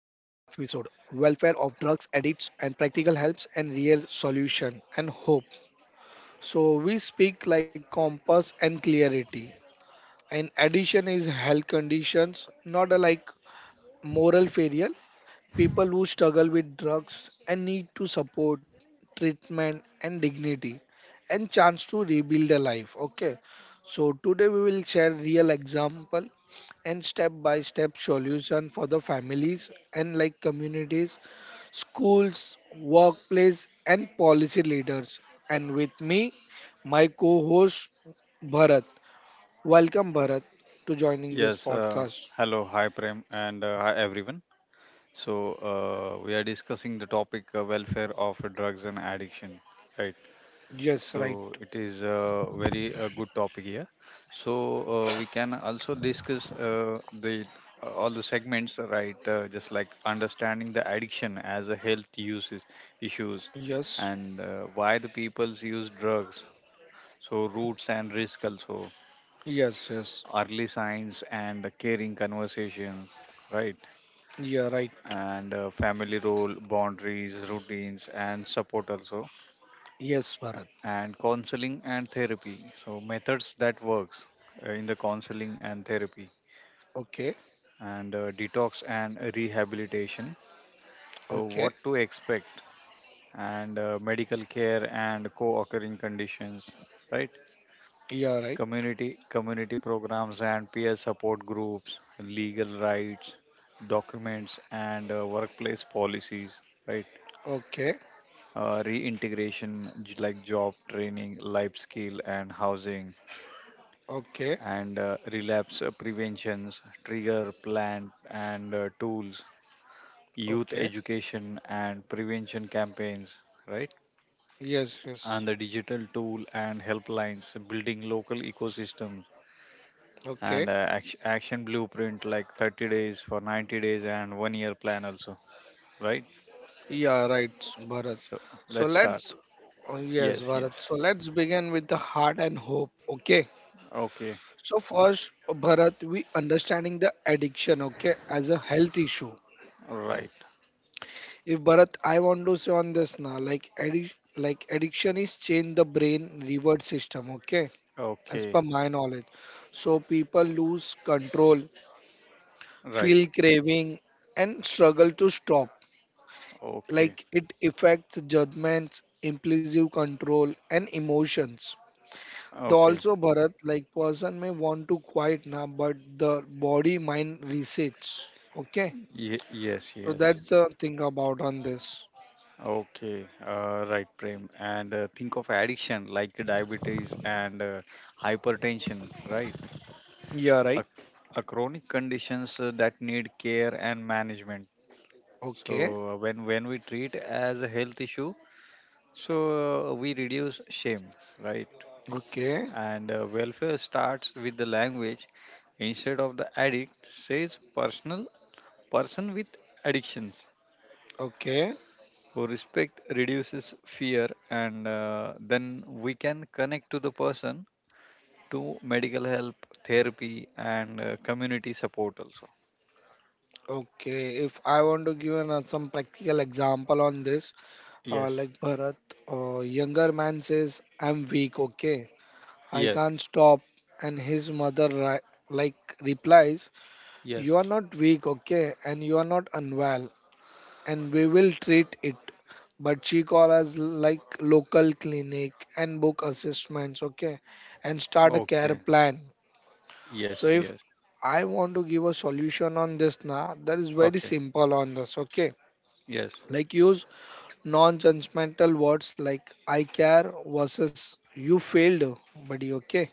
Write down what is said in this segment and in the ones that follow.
Welfare of Drugs Addicts and Practical Helps and Real Solution and Hope. So, we speak like compass and clarity. And addition is health conditions, not a like moral failure, people who struggle with drugs and need to support, treatment, and dignity, and chance to rebuild a life. Okay, so today we will share real example and step by step solution for the families and like communities, schools, workplace, and policy leaders. And with me, my co-host Bharat. Welcome, Bharat, to joining this Yes, podcast. hello, hi Prem, and hi everyone. So, we are discussing the topic welfare of drugs and addiction, right? Yes, right. So, it is a very good topic here. So, we can also discuss the all the segments, right? Just like understanding the addiction as a health uses issues, Yes, and why the peoples use drugs. So, roots and risk also yes, yes. early signs and caring conversation, right? Yeah, right. And family role, boundaries, routines, and support also, Yes, Bharat. and counseling and therapy. So methods that works in the counseling and therapy, Okay, and detox and rehabilitation. So okay. what to expect, and medical care and co-occurring conditions, right? Yeah, right. Community programs and peer support groups, legal rights, documents, and workplace policies, right? Okay, Reintegration, like job training, life skill, and housing, okay, and relapse preventions, trigger plan, and tools, youth okay. education and prevention campaigns, right? Yes, yes. And the digital tool and helplines, building local ecosystems Okay. and action blueprint like 30 days for 90 days and one year plan also, right. Yeah, right, Bharat. So So let's start. let's, oh, yes, Yes, Bharat. yes. So let's begin with the heart and hope. Okay. Okay. So first, Bharat, we understanding the addiction, okay, as a health issue. Right. If Bharat, I want to say on this now, like addiction is change the brain reward system, okay, as Okay. per my knowledge. So people lose control, Right. feel craving, and struggle to stop. Okay. Like it affects judgments, impulsive control, and emotions. They Okay. also Bharat, like person may want to quiet now, but the body mind resets. Okay, Yes, so yes. that's the thing about on this. Okay. Right, Prem. And think of addiction like diabetes and hypertension, right. Yeah, a, right. a chronic conditions that need care and management. So Okay, when we treat as a health issue. So we reduce shame, right? okay, And welfare starts with the language, instead of the addict says, personal person with addictions. okay, So respect reduces fear, and then we can connect to the person to medical help, therapy, and community support also. okay. If I want to give some practical example on this, Yes, like Bharat, younger man says, I'm weak, okay? I yes, can't stop. And his mother, like, replies, yes. You are not weak, okay? And you are not unwell. And we will treat it. But she calls us like local clinic and book assessments, okay? And start a care Okay. plan. So Yes, if yes. I want to give a solution on this now, that is very Okay. simple on this, okay? Yes. Like use non-judgmental words like I care versus you failed, buddy. Okay.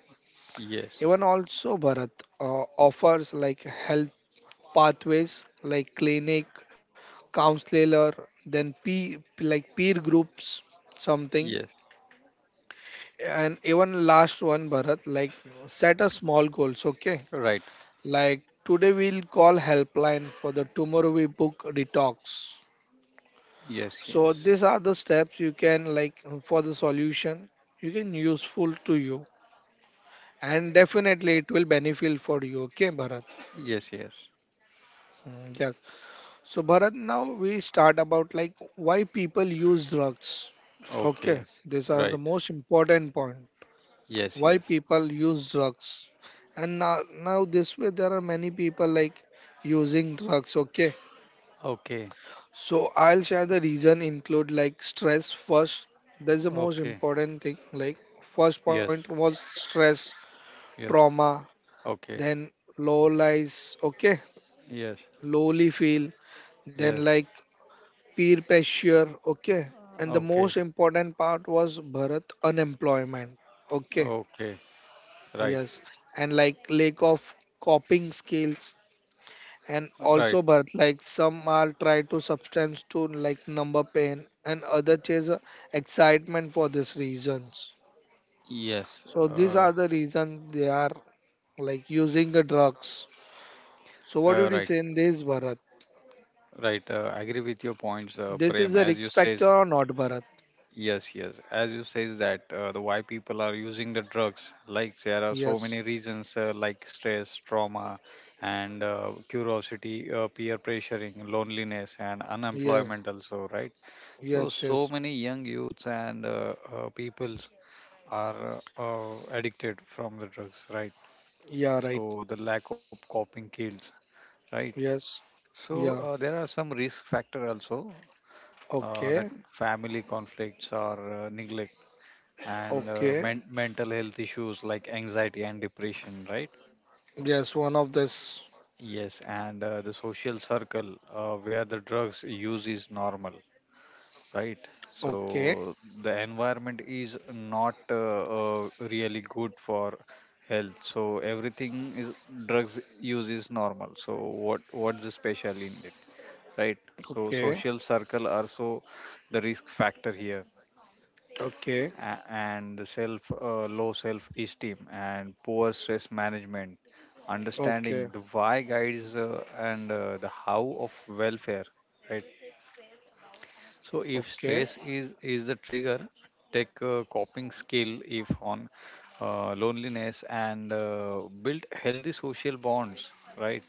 Yes. Even also Bharat, offers like health pathways like clinic, counselor, then peer groups, something. Yes. And even last one Bharat, like set a small goals. Okay. Right. Like today we'll call helpline for the tomorrow we book detox. Yes. So Yes. these are the steps you can like for the solution you can useful to you and definitely it will benefit for you. Okay, Bharat. Yes. Yes. Mm, yes. So Bharat, now we start about like why people use drugs. Okay, Okay. these are the Right. most important point. Yes, Why yes. people use drugs, and now this way there are many people like using drugs. Okay, Okay. so I'll share the reason include like stress first. That's the most Okay. important thing. Like first point Yes. was stress, Yes. trauma, Okay. then low lies, okay, Yes. lowly feel, then Yes. like peer pressure, okay. And the Okay. most important part was Bharat unemployment. Okay, Okay. Right. yes. And like lack of coping skills, and Right. also but like some are try to substance to like number pain and other chase excitement for these reasons. Yes. So these Uh, are the reasons they are like using the drugs. So what do you right. say in this, Bharat? Right. I agree with your points, This is Prem. a As you risk factor says, or not, Bharat? yes, yes. As you says that the why people are using the drugs, like there are so Yes, many reasons, like stress, trauma, and curiosity, peer pressuring, loneliness, and yes, unemployment also, right? So, yes, so yes. many young youths and peoples are addicted from the drugs, right? Yeah, right. So, the lack of coping kills, right? Yes, So, yeah. There are some risk factor also Okay, that family conflicts or neglect and okay. Mental health issues like anxiety and depression, right? Yes, one of this. Yes, and the social circle where the drugs use is normal, right. So Okay, the environment is not really good for health, so everything is drugs use is normal. So what's the special in it, right? So okay, social circle also the risk factor here. okay, And the self low self esteem and poor stress management. Understanding okay, the why guides and the how of welfare, right? So if okay. stress is the trigger, take a coping skill. If on loneliness and build healthy social bonds, right?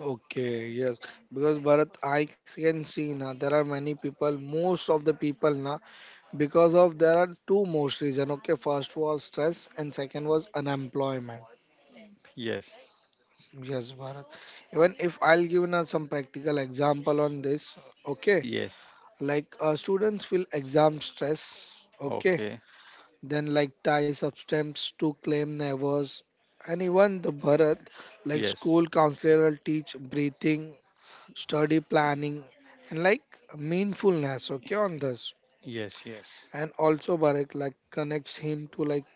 Okay, yes, because Bharat, I can see now there are many people, most of the people now, because of there are two most reason. Okay, first was stress and second was unemployment. Yes. Yes, Bharat. Even if I'll give now some practical example on this. Okay, Yes. like students feel exam stress. Okay, Okay. then like tie substance to claim nevers, and even the Bharat, like Yes. school counselor will teach breathing, study planning, and like meaningfulness, okay, on this. Yes. Yes. And also Bharat, like connects him to like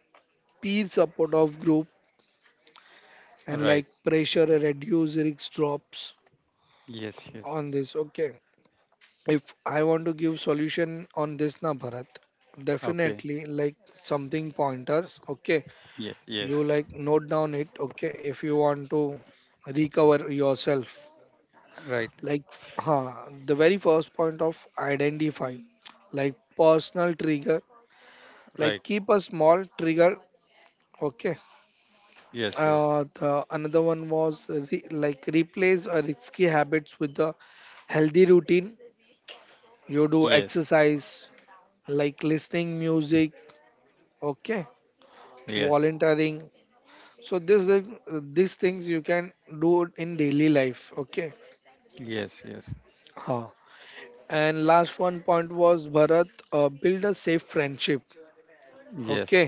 peer support of group, and Right. like pressure reduce risk drops Yes. Yes. on this, okay. If I want to give solution on this, na Bharat, Okay. definitely like something pointers, okay, Yes. Yes. you like note down it, okay, if you want to recover yourself. Right. Like huh, the very first point of identify like personal trigger, like Right. keep a small trigger, okay. Yes. Yes. The another one was replace a risky habits with a healthy routine. You do Yes. exercise, like listening music, okay, Yes. volunteering. So these things you can do in daily life, okay. Yes. Yes. huh. And last one point was Bharat, build a safe friendship, Yes. okay,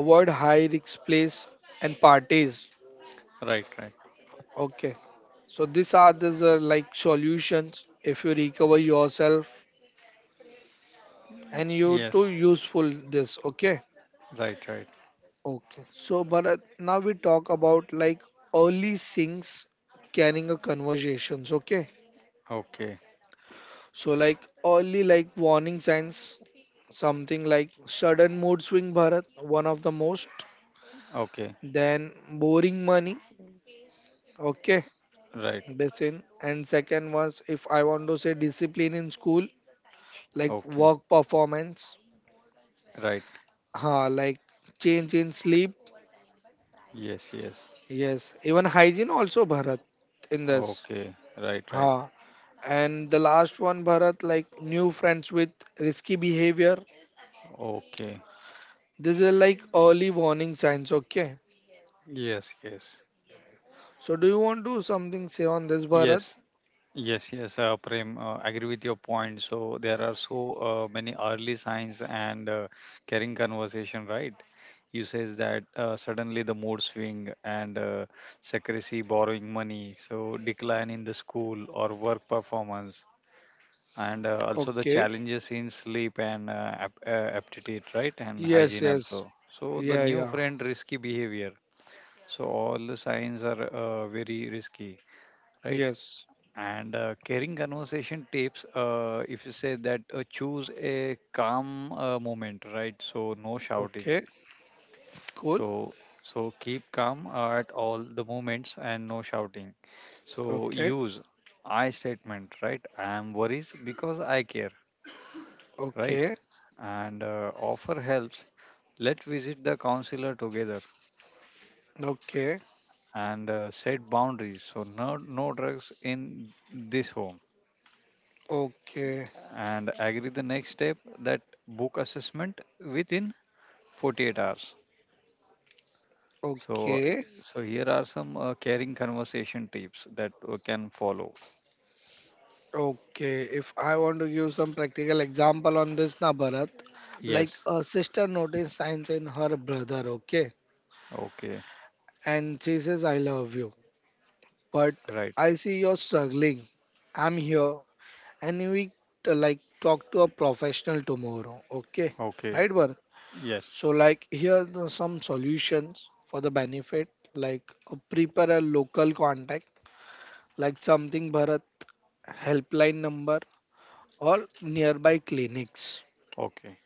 avoid high risk place and parties, Right. Right. okay. So these are like solutions if you recover yourself and you too Yes. useful this, okay, Right. Right. okay. So Bharat, now we talk about like early signs, carrying a conversations, okay. Okay. So like early like warning signs, something like sudden mood swing, Bharat, one of the most, Okay. then boring money, okay, Right. this. And second was, if I want to say, discipline in school, like Okay. work performance. Right. Like change in sleep. Yes. Yes. Yes, even hygiene also Bharat in this. Okay, right, right. Ha, and the last one Bharat, like new friends with risky behavior. Okay. This is like early warning signs. Okay. Yes, yes. So do you want to something say on this, Bharat? Yes, yes, yes. Prem, agree with your point. So there are so many early signs and caring conversation, right? You says that suddenly the mood swing and secrecy, borrowing money, so decline in the school or work performance, and also the Okay. challenges in sleep and aptitude, right? And Yes. hygiene Yes. also. So the Yeah. new Yeah. friend risky behavior. So all the signs are very risky, right? Yes. And carrying conversation tips, if you say that choose a calm moment, right? So no shouting. Okay. Cool. So so keep calm at all the moments and no shouting. So Okay. use I statement, right? I am worries because I care, right? Okay. And offer helps. Let's visit the counselor together Okay. and set boundaries. So no drugs in this home, Okay. and agree the next step that book assessment within 48 hours. So Okay. so here are some caring conversation tips that can follow. Okay, if I want to give some practical example on this, na Bharat, like Yes. a sister noticed signs in her brother, okay, Okay. and she says, "I love you," but Right. I see you're struggling. I'm here, and we like talk to a professional tomorrow, okay? Okay. Right, Bharat? Yes. So like here are some solutions for the benefit, like prepare a local contact, like something Bharat, helpline number or nearby clinics. Okay.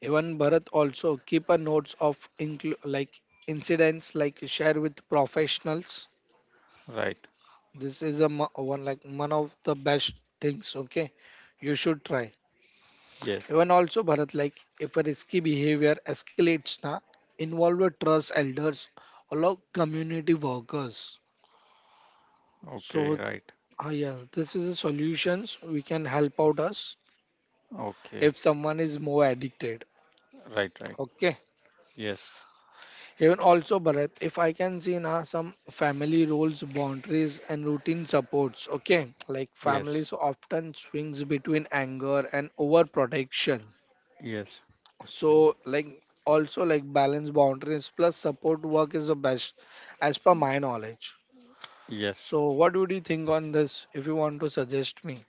Even Bharat, also keep a notes of incidents, like share with professionals. Right. This is a one like one of the best things. Okay, you should try. Yes. Even also Bharat, like if a risky behavior escalates na, involve with trust elders, allow community workers. Okay. Right. So yes, this is the solutions we can help out us Okay. if someone is more addicted. Right. Right. Okay. Yes. Even also, Bharat, if I can see now some family roles, boundaries, and routine supports, okay? Like Yes. families often swings between anger and overprotection. Yes. So, like, also like balance boundaries plus support work is the best as per my knowledge. Yes. So, what would you think on this if you want to suggest me?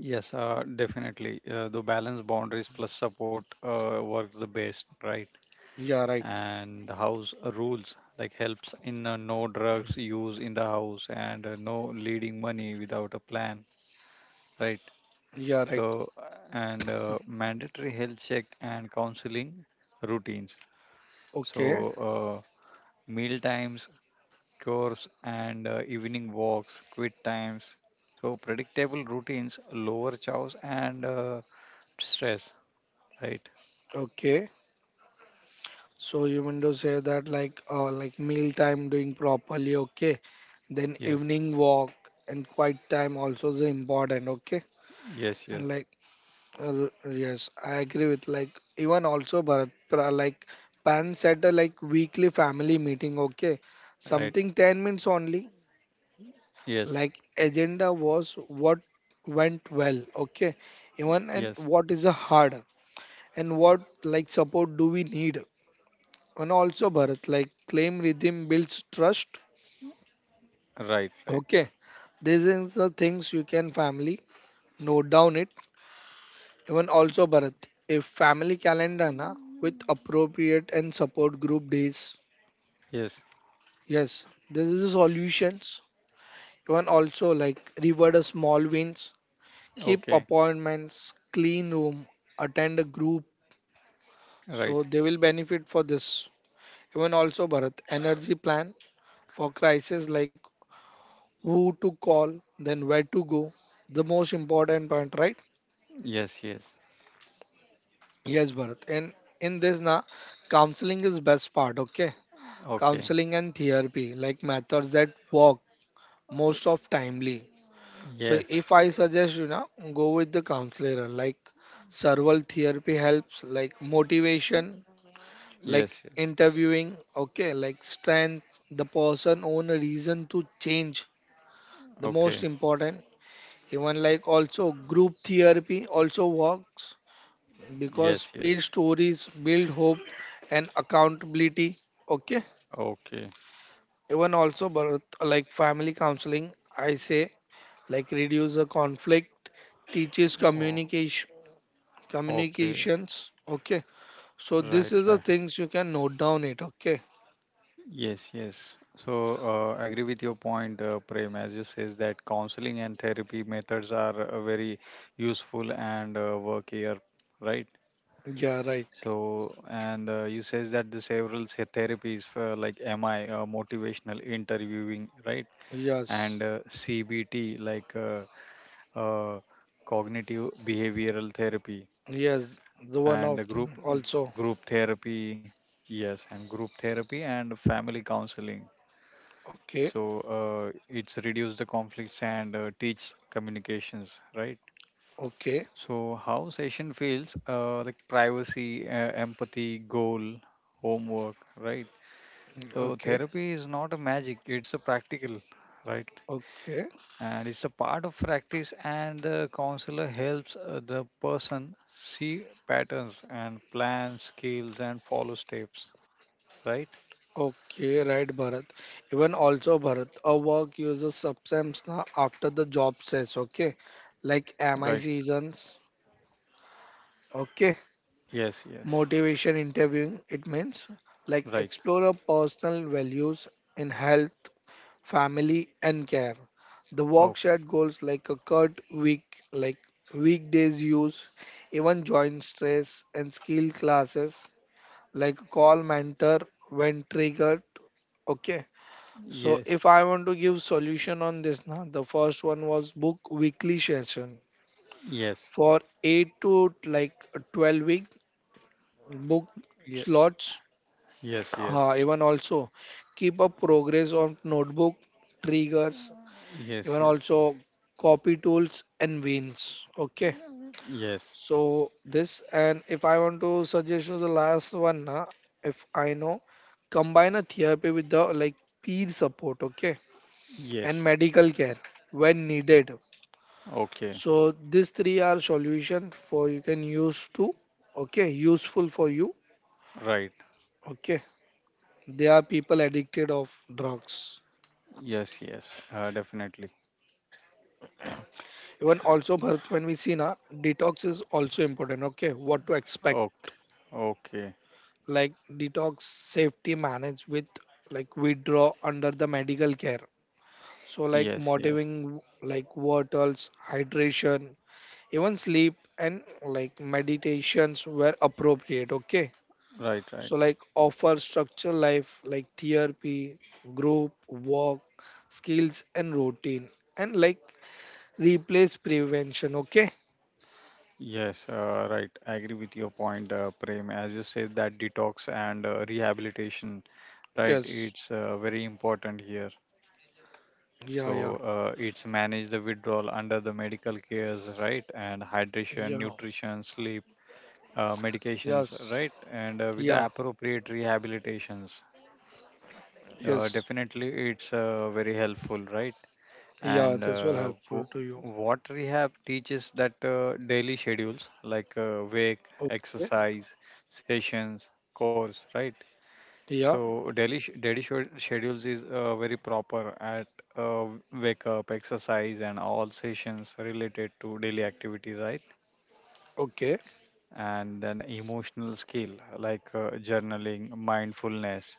Yes, definitely. The balance boundaries plus support works the best, right? Yeah, right. And the house rules like helps in no drugs use in the house and no leading money without a plan, right? Yeah, right. So and mandatory health check and counseling routines. So Okay. Meal times, chores, and evening walks, quit times. So predictable routines lower chores and stress, right? Okay. So you mean to say that like meal time doing properly, okay? Then Yes, evening walk and quiet time also is important, okay. yes, And yes. like yes, I agree with like, even also but like parents at a like weekly family meeting, okay, Right. something 10 minutes only, Yes, like agenda was what went well, okay, even, yes. and what is a hard, and what like support do we need. And also Bharat, like claim rhythm builds trust, Right, right. okay. These are the things you can family note down it. Even also Bharat, a family calendar na, with appropriate and support group days. Yes. Yes, this is the solutions. Even also like reward a small wins, keep Okay. appointments, clean room, attend a group. Right. So they will benefit for this. Even also Bharat, energy plan for crisis, like who to call, then where to go. The most important point, right? Yes, yes. Yes, Bharat. And in this na, counseling is best part. Okay. Okay. Counseling and therapy, like methods that work Uh, most of timely. So Yes. if I suggest, you know, go with the counselor, like several therapy helps like motivation, like Yes, yes. interviewing, okay, like strength the person own a reason to change, the most Okay. important. Even like also group therapy also works because Yes, peer yes. stories build hope and accountability, okay. Okay. Even also birth, like family counseling, I say like reduce the conflict, teaches Oh, communication okay. communications okay. So this Right, is the right. things you can note down it, okay. Yes, yes. So, I agree with your point, Prem, as you says that counseling and therapy methods are very useful and work here, right? Yeah, right. So, and you says that the several say therapies for like MI, motivational interviewing, right? Yes, And CBT, like uh, cognitive behavioral therapy, yes, the one of and group thing group also. therapy, yes, and group therapy and family counseling. Okay, So it's reduce the conflicts and teach communications, right? okay, So how session feels like privacy, empathy, goal, homework, right? So okay, therapy is not a magic, it's a practical, right? okay, And it's a part of practice and the counselor helps the person see patterns and plan skills and follow steps, right? okay. Right, Bharat. Even also Bharat, a work uses substance na after the job says, okay, like mi Right. seasons, okay. Yes, yes. Motivation interviewing, it means like Right. explore your personal values in health, family, and care. The Oh, work shared goals like a cut week, like weekdays use, even joint stress and skill classes, like call mentor when triggered. Okay. So yes. if I want to give solution on this now, the first one was book weekly session Yes. for 8 to like 12-week book Yes. slots, Yes, yes. Even also keep a progress on notebook, triggers, Yes, even yes. also copy tools and wins, okay. Yes. So this. And if I want to suggest you the last one na, if I know, combine a therapy with the like peer support, okay, Yes. and medical care when needed. Okay. So these three are solution for you can use to, okay, useful for you, Right. okay, they are people addicted of drugs. Yes, yes. Definitely. Even also, Bharat, when we see na, detox is also important. Okay, what to expect? Okay. Okay. Like detox safety manage with like withdraw under the medical care. So like Yes, yes. motivating like water's hydration, even sleep and like meditations were appropriate, okay. Right, right. So like offer structured life like therapy, group work, skills and routine, and like replace prevention. Okay, Yes, right. I agree with your point, Prem. As you said, that detox and rehabilitation, right? yes, It's very important here. yeah, yeah. So it's manage the withdrawal under the medical cares, right? And hydration, Yeah, nutrition, sleep, medications, yes, right? And with yeah, the appropriate rehabilitations, yes, definitely, it's very helpful, right? yeah, And this will helpful to you. what rehab teaches that daily schedules like wake, Okay, exercise, sessions, course, right? yeah, So schedules is very proper at uh, wake up, exercise, and all sessions related to daily activities, right? okay, And then emotional skill like journaling, mindfulness,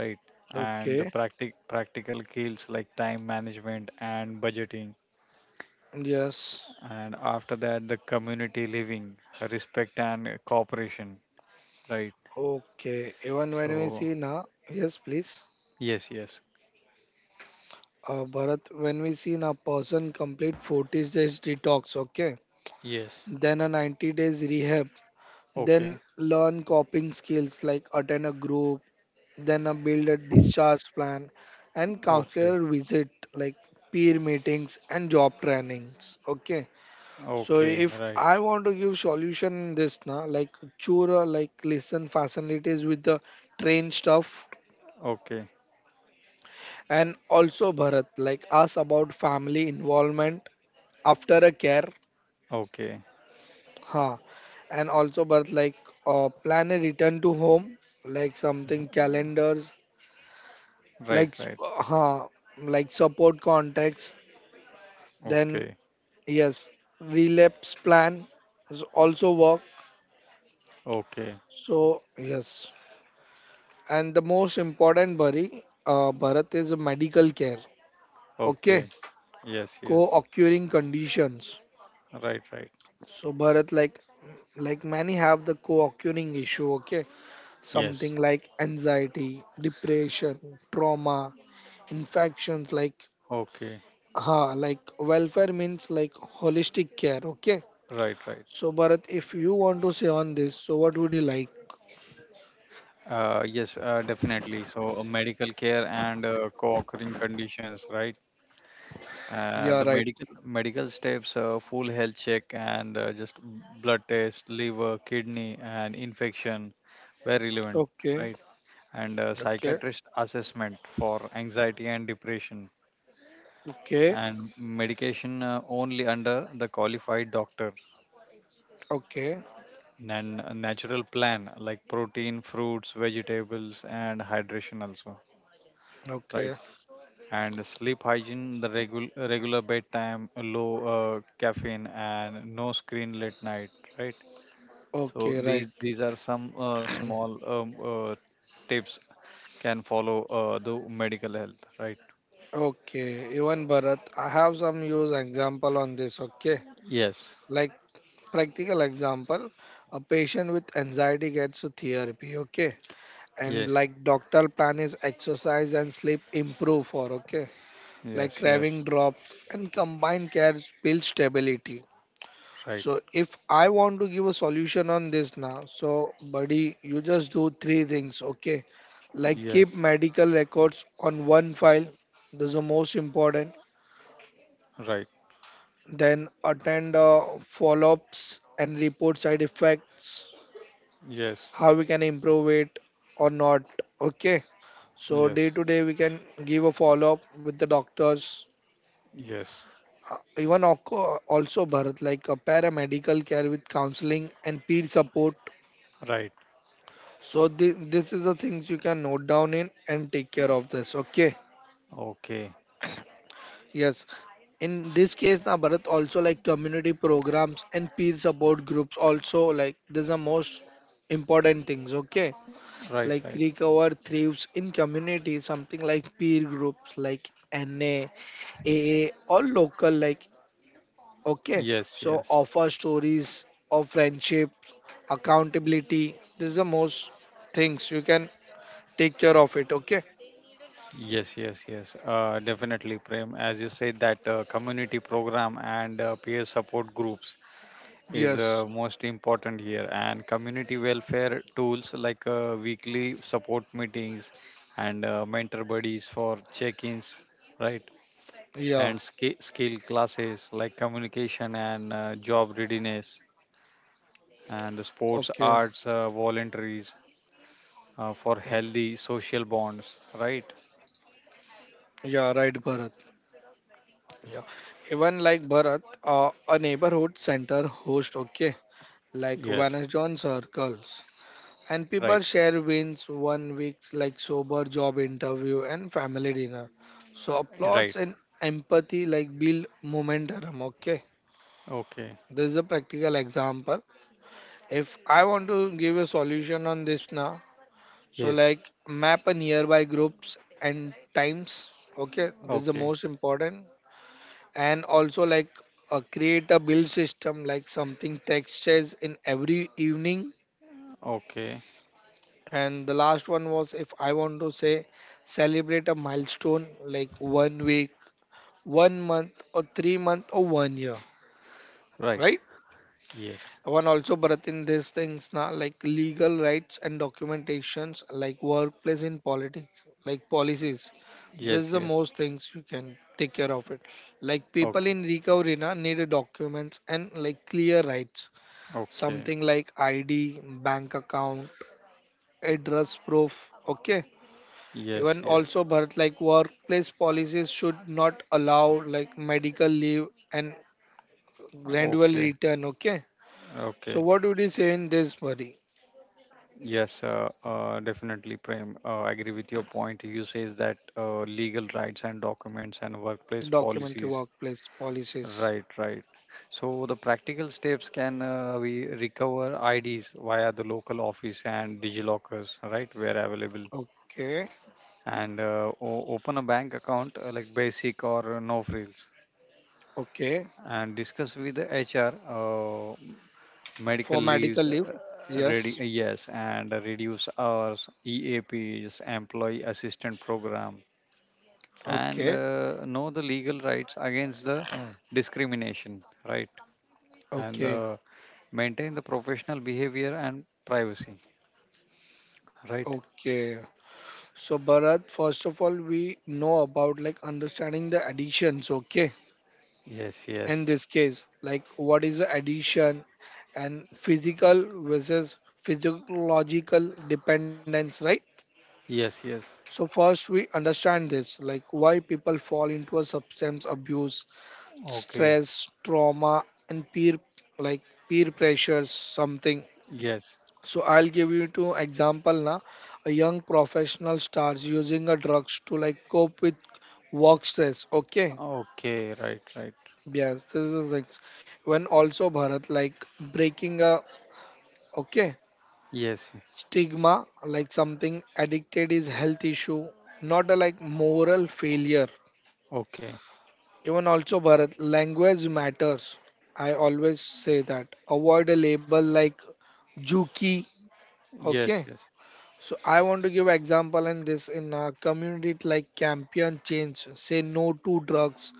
right? And the okay, practical skills like time management and budgeting. yes, And after that, the community living, respect and cooperation, right? okay. Even when we So, see na. Yes, please, yes, yes. Bharat, when we see a person complete 40 days detox, okay, Yes. then a 90 days rehab, then Okay, learn coping skills like attend a group, then a build a discharge plan and okay, counselor visit like peer meetings and job trainings, okay. So okay, if right, I want to give solution this na like chura like listen facilities with the train stuff, okay, and also Bharat like ask about family involvement after a care, okay, huh, and also Bharat like plan a return to home like something calendars like right, right, huh, like support contacts, then okay, yes, relapse plan is also work, okay, so yes. And the most important, Bharat, is medical care. Okay, okay, yes, yes, co-occurring conditions. right, right, So Bharat, like many have the co-occurring issue. Okay, something yes, like anxiety, depression, trauma, infections. Like okay, ha, like welfare means like holistic care. Okay. right, right. So Bharat, if you want to say on this, so what would you like? Yes, definitely. So, medical care and co-occurring conditions, right? Yeah, The right. medical steps, full health check, and just blood test, liver, kidney, and infection, were relevant, Okay. right? And Okay. psychiatrist assessment for anxiety and depression, Okay. and medication only under the qualified doctor. Okay. And a natural plan like protein, fruits, vegetables, and hydration also, right? Okay. And sleep hygiene, the regular bedtime, low caffeine, and no screen late night, right? So Okay, right. these are some small tips can follow the medical health, right? Okay, even Bharat, I have some use example on this. Okay, Yes, like practical example, a patient with anxiety gets to therapy. Okay, and yes. like doctor plan is exercise and sleep improve for. Okay, like Yes, craving yes, drops and combined cares build stability. right, So if I want to give a solution on this now, so buddy, you just do three things, okay? Like keep yes, medical records on one file. That's the most important. right, Then attend follow-ups and report side effects, yes, how we can improve it or not, okay? So yes, day to day we can give a follow-up with the doctors. yes, Even also Bharat, like a paramedical care with counseling and peer support. right. So this is the things you can note down in and take care of this. Okay. Okay, Yes. In this case, now Bharat also like community programs and peer support groups also like these are most important things. Okay. right, Like right. recover thrives in community, something like peer groups like NA, AA or local like okay. Yes, So yes. offer stories of friendship, accountability. These are most things you can take care of it. Okay. Yes, yes, yes. Definitely, Prem. As you said, that community program and peer support groups is Yes. Most important here, and community welfare tools like weekly support meetings and mentor buddies for check-ins, right? Yeah. And skill classes like communication and job readiness, and the sports, Okay. arts, voluntaries for healthy social bonds, right? Yeah, right, Bharat. Yeah, even like Bharat, a neighborhood center host, okay, like Yes, Vanajon circles, and right, people share wins one week, like sober job interview and family dinner. So right. applauds and empathy like build momentum. Okay, Okay. this is a practical example. If I want to give a solution on this now, so Yes. like map a nearby groups and times. Okay, this is the Okay. most important. And also like create a build system like something text says in every evening. Okay. And the last one was if I want to say celebrate a milestone like one week, one month or three month or one year. Right. Right? Yes. One also, Bharat, in these things, na, like legal rights and documentations, like workplace in politics, like policies. This Yes. is the Yes. most things you can take care of it. Like people Okay. in recovery na, need documents and like clear rights. Okay. Something like ID, bank account, address proof. Okay. Yes. Even Yes. also, Bharat, like workplace policies should not allow like medical leave and gradual Okay. return. Okay. So Okay. what would you say in this, Bharat? Yes. Definitely, Prem. I agree with your point. You says that legal rights and documents and workplace Documentary policies. workplace policies. Right. Right. So the practical steps can we recover IDs via the local office and DigiLockers, right, where available. Okay. And open a bank account like basic or no frills, Okay. and discuss with the HR For medical medical leaves, leave. Yes. ready, yes, and reduce hours, EAPs, employee assistant program, and Okay. Know the legal rights against the discrimination, right. And Okay. Maintain the professional behavior and privacy, right. Okay. So Bharat, first of all, we know about like understanding the additions, okay? Yes, yes, In this case, like what is the addition and physical versus physiological dependence, right? yes, yes, So first we understand this, like why people fall into a substance abuse okay, stress, trauma, and peer like peer pressures, something. yes, So I'll give you two example now. A young professional starts using a drugs to like cope with work stress. Okay. okay, right, right. Yes, this is like when also Bharat like breaking a okay Yes. Yes. stigma like something addicted is health issue, not a like moral failure. Okay. Even also, Bharat, language matters. I always say that. Avoid a label like Juki. Yes. Okay. Yes. So I want to give example in this in our community like campaign change. Say no to drugs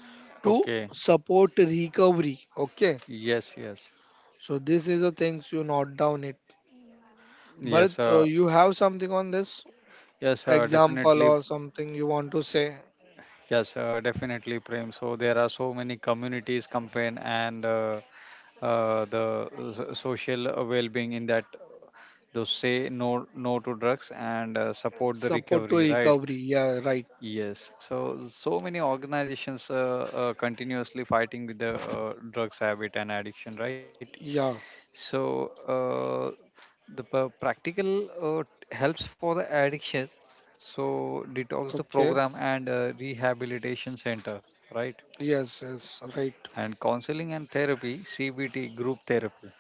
to Okay. support recovery. Okay. Yes. Yes. So this is the things you note down it. Yes. Bharat, you have something on this Yes. Example Definitely. or something you want to say? Yes. Definitely, Prem. So there are so many communities campaign and the social well-being in that. Those say no to drugs and support the Support to recovery. Right. recovery. Yeah, right. Yes. So many organizations continuously fighting with the drugs habit and addiction. Right. Yeah. So uh, the practical helps for the addiction. So detox the Okay. program and rehabilitation center, right? Yes, yes, right. And counseling and therapy, CBT group therapy.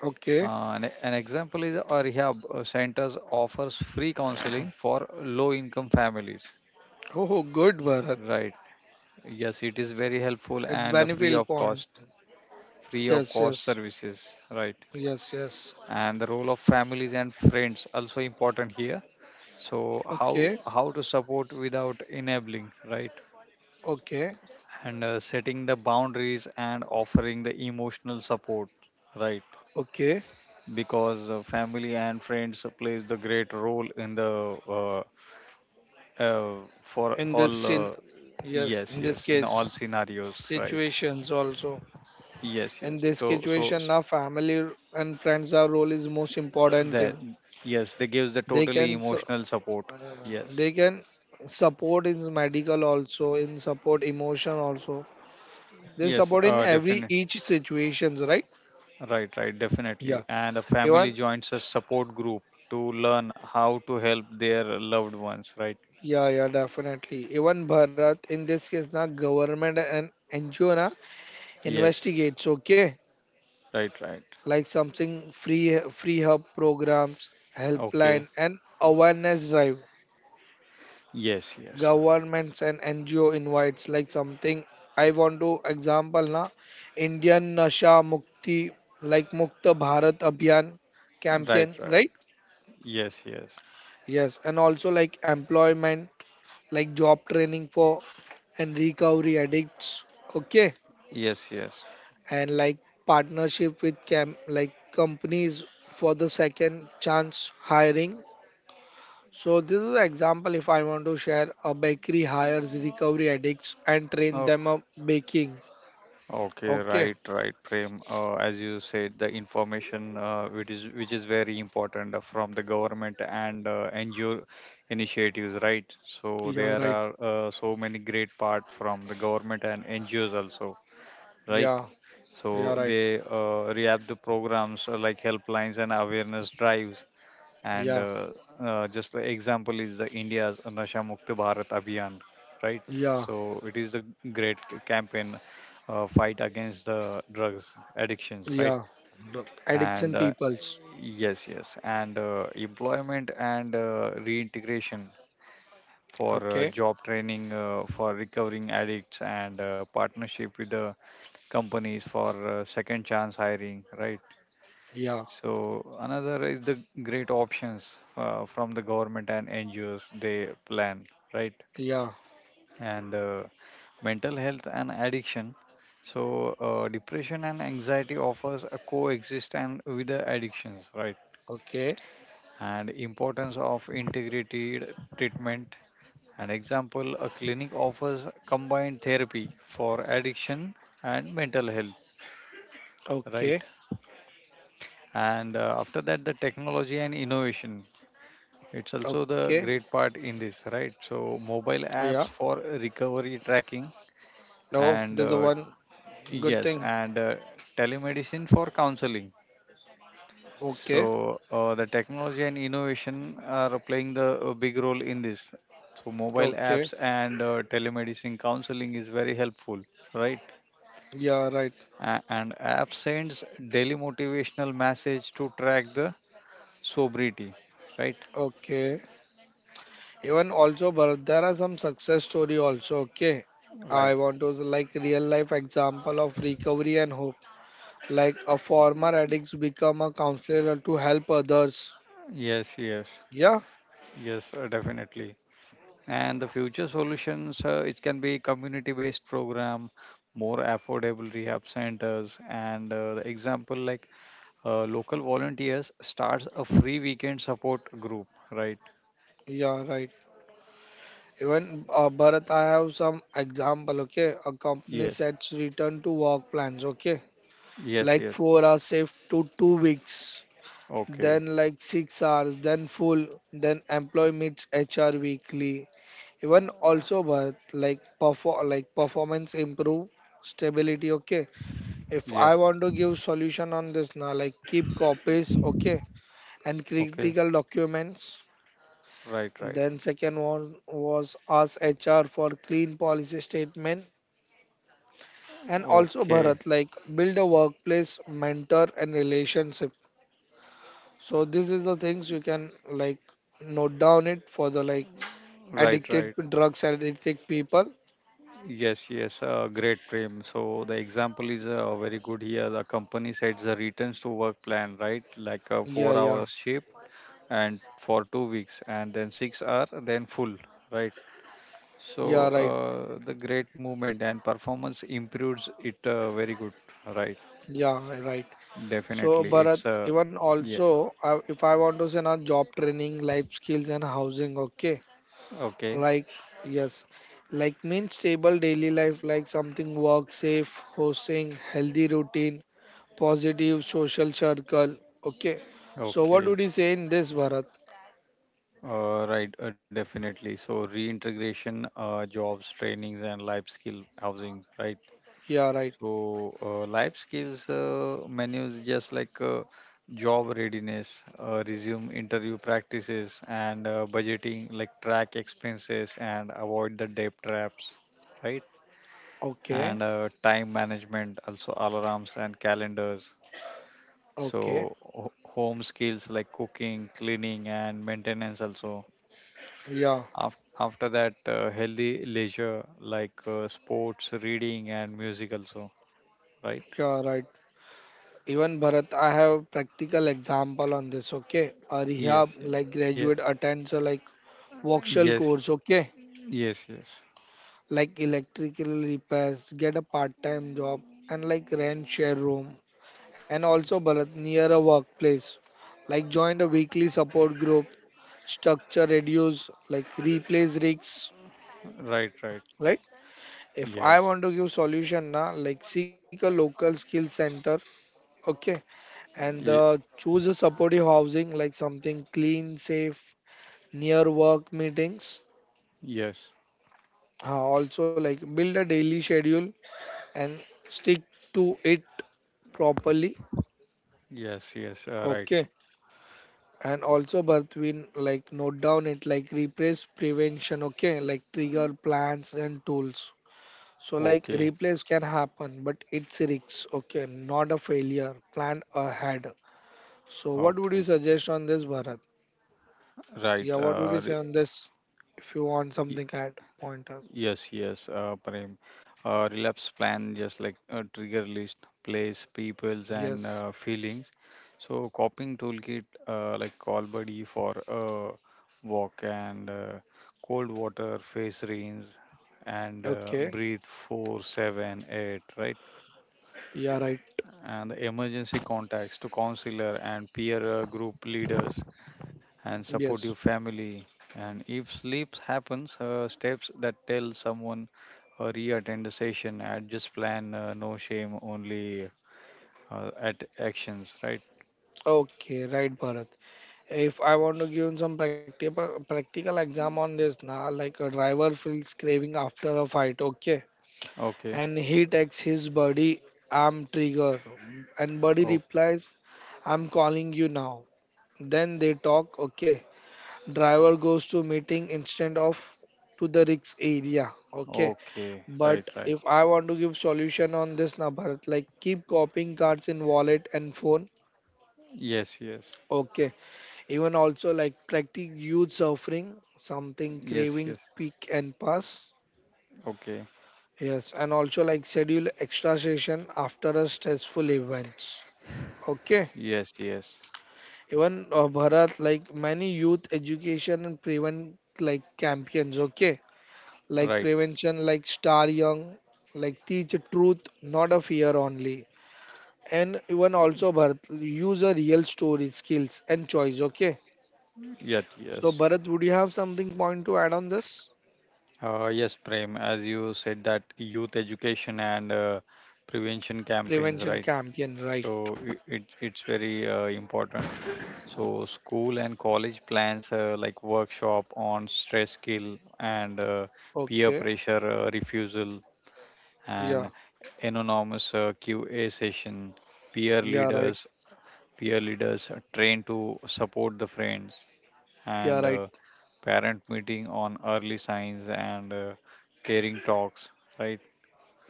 Okay. An example is a rehab centers offers free counseling for low income families, Oh, good, Bharat. right? Yes, it is very helpful It's and Bannyfield Pond. Free of Yes, cost yes, services, right? yes, yes. And the role of families and friends also important here. So how Okay, how to support without enabling, right? okay, And setting the boundaries and offering the emotional support, right? okay. Because family and friends plays the great role in the uh, for In this all scene, yes, yes, in this yes, in all case, scenarios, right? situations also. Yes, In yes. this so so situation, s- our family and friends, our role is most important that thing. Yes, they gives the They totally can, su- emotional support. Yes, they can support in medical also, in support emotion also. They yes, support in every definitely. each situations, right? Right, right, definitely. Yeah. And a family Even joins a support group to learn how to help their loved ones, right? yeah, yeah, definitely. Even Bharat, in this case, na government and NGO na Yes, investigates, okay? right, right. Like something free hub programs, Okay. helpline and awareness drive. Yes, yes. Governments and NGO invites like something I want to example na Indian Nasha Mukti like Mukta Bharat Abhiyan Right, campaign, right. right? Yes, yes. Yes, and also like employment, like job training for and recovery addicts. Okay. Yes, yes. And like partnership with cam like companies for the second chance hiring. So this is an example if I want to share a bakery hires recovery addicts and train them Okay. up baking. Okay, Okay, right, right, Prem. As you said, the information which is very important from the government and NGO initiatives, right? So yeah, there right, are so many great part from the government and NGOs also, right? yeah, So yeah, right, they rehab the programs like helplines and awareness drives. And yeah, just the example is the India's Nasha Mukti Bharat Abhiyan, right? yeah, So it is the great campaign fight against the drugs addictions, right? yeah, the And addiction peoples, yes, yes, and employment and reintegration for okay, job training for recovering addicts and partnership with the companies for second chance hiring, right? yeah, So another is the great options from the government and NGOs they plan, right? yeah, And mental health and addiction. So depression and anxiety offers a coexist and with the addictions, right? okay, And importance of integrated treatment. An example, a clinic offers combined therapy for addiction and mental health, okay, right? And after that, the technology and innovation. It's also okay, the great part in this, right? So mobile oh yeah, apps for recovery tracking oh and this is a one good yes, thing, and telemedicine for counseling. okay, So the technology and innovation are playing the big role in this. So mobile okay. apps and telemedicine counseling is very helpful, right? Yeah, right. And app sends daily motivational message to track the sobriety, right? Okay. Even also, but there are some success story also. Okay. I Right. want to like real life example of recovery and hope. Like a former addicts become a counselor to help others. Yes, yes, Yeah. yes, definitely. And the future solutions, it can be community based program, more affordable rehab centers, and the example like local volunteers starts a free weekend support group, right? Yeah, right. Even Bharat, I have some example. Okay. A company Yes, sets return to work plans. Okay. yes. Like Yes. 4 hours safe to 2 weeks, Okay. then like 6 hours, then full, then employee meets HR weekly. Even also worth like perform like performance improve stability. Okay, if I Yes. want to give solution on this now, like keep copies. Okay, and Okay. critical documents. Right, right. Then second one was ask HR for clean policy statement, and also Okay. Bharat like build a workplace mentor and relationship. So this is the things you can like note down it for the like Right, addicted right. drugs addicted people. Yes, yes. Great, Prem. So the example is very good here. The company sets the returns to work plan, right? Like a 4 Yeah, hour yeah, shift and for 2 weeks and then 6 hour then full, right? So yeah, right. The great movement and performance improves it, very good, right? Yeah, right. So Definitely it's, Bharat, even yeah. also, if I want to say now job training, life skills and housing, okay, Okay. like yes, like mean stable daily life, like something work safe, hosting, healthy routine, positive social circle, okay. So what Okay. would you say in this Bharat? Right. Definitely. So reintegration, jobs trainings and life skill housing, right? Yeah, right. So, life skills menus just like job readiness, resume interview practices, and budgeting, like track expenses and avoid the debt traps, right? Okay. And time management, also alarms and calendars. Okay. So, home skills like cooking, cleaning, and maintenance also. Yeah, After that, healthy leisure like sports, reading, and music also, right? you're right. Even Bharat, I have practical example on this. Okay, a rehab Yes, like yeah. graduate attends a like workshop Yes, course. Okay, yes, yes. like electrical repairs, get a part-time job and like rent share room. And also Bharat near a workplace, like join a weekly support group, structure reduce like replace risks. Right, right. Right? If I Yes. want to give solution na, like seek a local skill center. Okay. And Ye- choose a supportive housing like something clean, safe, near work meetings. yes. Also, like build a daily schedule and stick to it properly. Yes, yes. Right. Okay. And also, Bartwin, like note down it like replace prevention. Okay. Like trigger plans and tools. So, like Okay. replace can happen, but it's a risk. Okay. Not a failure. Plan ahead. So, what would you Okay. suggest on this, Bharat? Right. Yeah, what would you say on this? If you want y- something, add pointers. yes, yes. Prem. Relapse plan, just like a trigger list, place, peoples, and Yes. Feelings. So, coping toolkit, like call buddy for a walk and cold water, face rinse, and Okay. breathe four, seven, eight. Right. Yeah, right. And the emergency contacts to counselor and peer group leaders and supportive Yes. family. And if sleeps happens, steps that tell someone, re-attend the session, adjust plan, no shame only, at actions, right? Okay, right, Bharat. If I want to give some practical exam on this now, like a driver feels craving after a fight, okay, Okay. and he texts his buddy, "I'm trigger," and buddy Okay. replies, "I'm calling you now." Then they talk, okay. Driver goes to meeting instead of to the risk area, okay. Okay. Right, But right. if I want to give solution on this na Bharat, like keep copying cards in wallet and phone. Yes, yes. Okay. Even also like practice youth suffering, something Yes, craving yes. peak and pass. Okay. Yes. And also like schedule extra session after a stressful events. Okay. Yes, yes. Even Bharat, like many youth education and prevent like campaigns. Okay. Like Right. prevention, like star young, like teach truth, not a fear only. And even also Bharat, use a real story, skills and choice. Okay. Yet. Yes. So Bharat, would you have something point to add on this? Yes, Prem, as you said that youth education and prevention campaigns, Prevention right? campaign, right? So it's very important. So school and college plans like workshop on stress skill and peer Okay. pressure refusal Yeah. and anonymous QA session, peer Yeah, right. leaders, peer leaders are trained to support the friends Yeah, and right. Parent meeting on early signs and caring talks, right?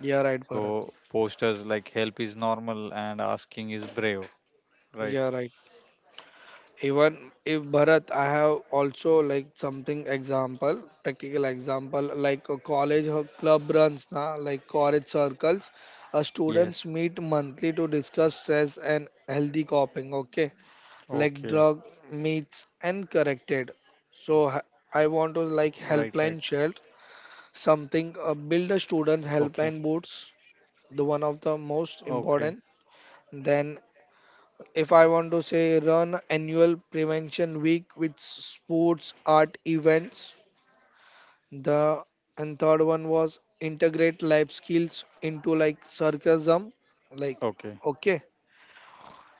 Yeah, right, Bharat. So posters like help is normal and asking is brave, right? Yeah, right. Even if Bharat, I have also like something example, practical example, like a college or club runs, na, like college circles. Yes. Students meet monthly to discuss stress and healthy coping. Okay, like Okay, drug meets and corrected. So h- right, I right. want to like helpline shield something, build a Okay, student's helpline boots, the one of the okay, most important. Then if I want to say run annual prevention week with sports art events, the and third one was integrate life skills into like sarcasm like. okay, Okay.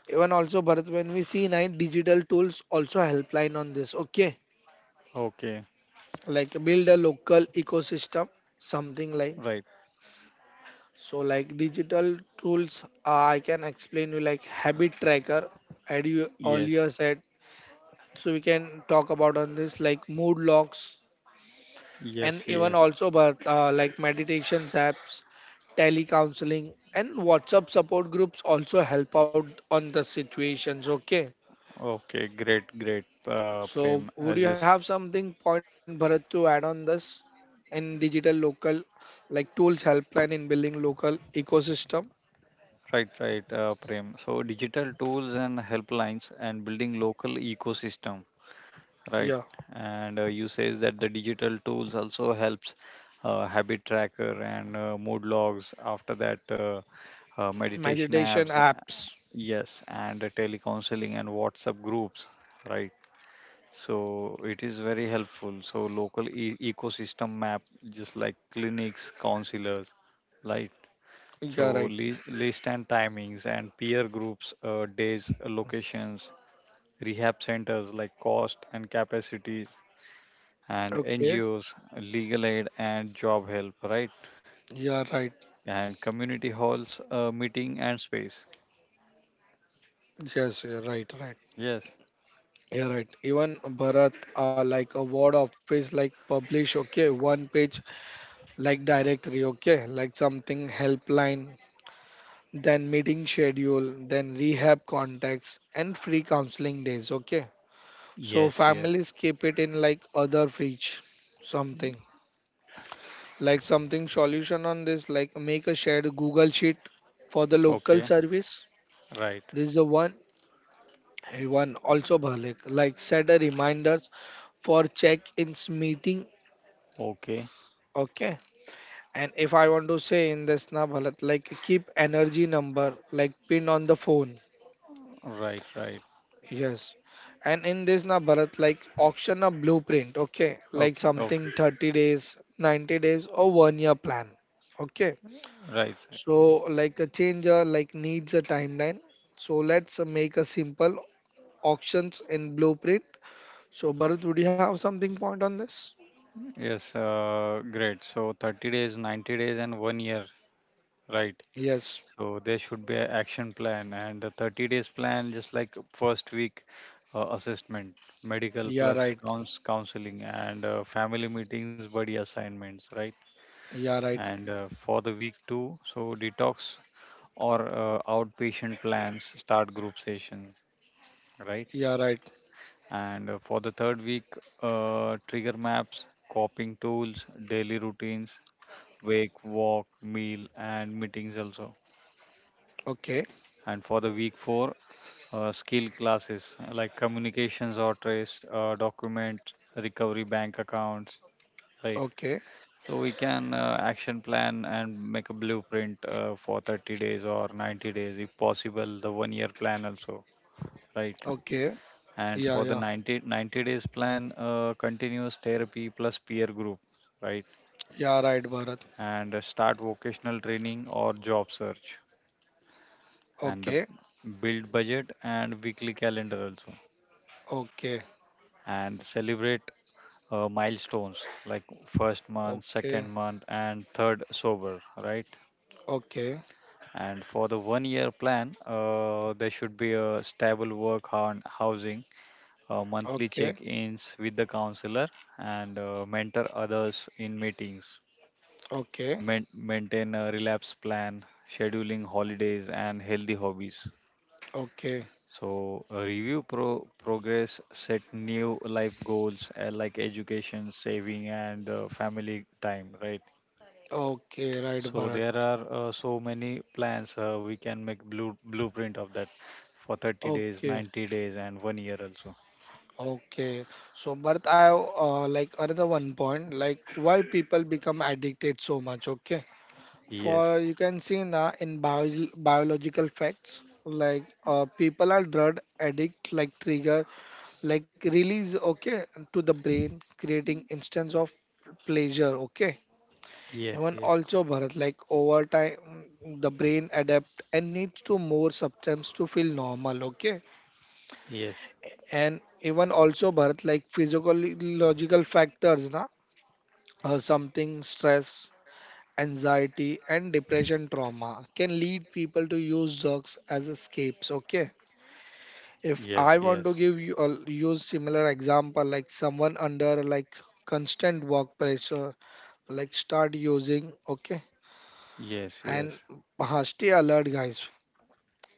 Even also Bharat, when we see nine digital tools also helpline on this, okay, okay, like build a local ecosystem, something like. right. So like digital tools, I can explain you like habit tracker as you Yes. earlier said. So we can talk about on this like mood logs. Yes. And even Yes. also but like meditations apps, telecounseling, and WhatsApp support groups also help out on the situations, okay. Okay, great, great, So, Prem. would As you have is something, point Bharat, to add on this in digital local, like tools helpline in building local ecosystem? right, right, Prem. So digital tools and helplines and building local ecosystem. Right. Yeah, And you says that the digital tools also helps habit tracker and mood logs. After that, meditation meditation apps, apps. yes, and telecounseling and WhatsApp groups, right? So it is very helpful. So local ecosystem map, just like clinics, counselors, right? Yeah, So right. list and timings and peer groups, days, locations, rehab centers like cost and capacities and Okay. NGOs, legal aid and job help, right? Yeah, right. And community halls, meeting and space. Yes, yeah, right, right. Yes, Yeah, right. Even Bharat, like a word office, like publish, okay, one page, like directory, okay, like something helpline, then meeting schedule, then rehab contacts, and free counseling days, okay. So yes, yes. families keep it in like other fridge, something like something solution on this, like make a shared Google sheet for the local Okay, service. right. This is the one. Hey, one also Bhalik, like set a reminders for check-ins meeting. Okay, Okay. And if I want to say in this na Bhalat, like keep energy number like pinned on the phone. right, right. Yes. And in this na Bharat, like auction a blueprint, okay? Like Okay, okay, something 30 days, 90 days, or one year plan. Okay. right, right. So like a changer like needs a timeline. So let's make a simple auctions and blueprint. So Bharat, would you have something point on this? Yes, great. So 30 days, 90 days, and one year, right? Yes. So there should be an action plan and the 30 days plan, just like first week assessment, medical Yeah, plus right. cons counseling and family meetings, buddy assignments, right? Yeah, right. And for the week two, so detox or outpatient plans start group session, right? Yeah, right. And for the third week, trigger maps, coping tools, daily routines, wake, walk, meal, and meetings also. Okay. And for the week four, skill classes like communications or trace, document recovery, bank accounts, right? Okay. So we can action plan and make a blueprint for 30 days or 90 days, if possible, the one year plan also, right? Okay. Yeah, And yeah. for the 90 days plan, continuous therapy plus peer group, right? Yeah, right, Bharat. And start vocational training or job search, and Okay. the build budget and weekly calendar also, Okay. and celebrate milestones like first month, Okay. second month, and third sober, right? Okay. And for the one year plan, there should be a stable work on housing, monthly Okay. check ins with the counselor, and mentor others in meetings. Okay, Maintain a relapse plan, scheduling holidays, and healthy hobbies. okay, So, review progress, set new life goals like education, saving, and family time, right? okay, right, So Bharat. there are so many plans we can make blueprint of that for 30 days, Okay, 90 days, and one year also. okay. So, Bharat, I like another one point, like why people become addicted so much. Okay, for Yes, you can see now in bio biological facts, like people are drug addict, like trigger, like release. Okay, to the brain, creating instance of pleasure. Okay, yes, Even yes, also Bharat, like over time, the brain adapt and needs to more substance to feel normal. Okay, yes, and even also Bharat, like physiological factors, na, something stress, anxiety, and depression trauma can lead people to use drugs as escapes. Okay, if yes, I yes, want to give you a use similar example, like someone under like constant work pressure, like start using okay yes, And yes, stay alert, guys.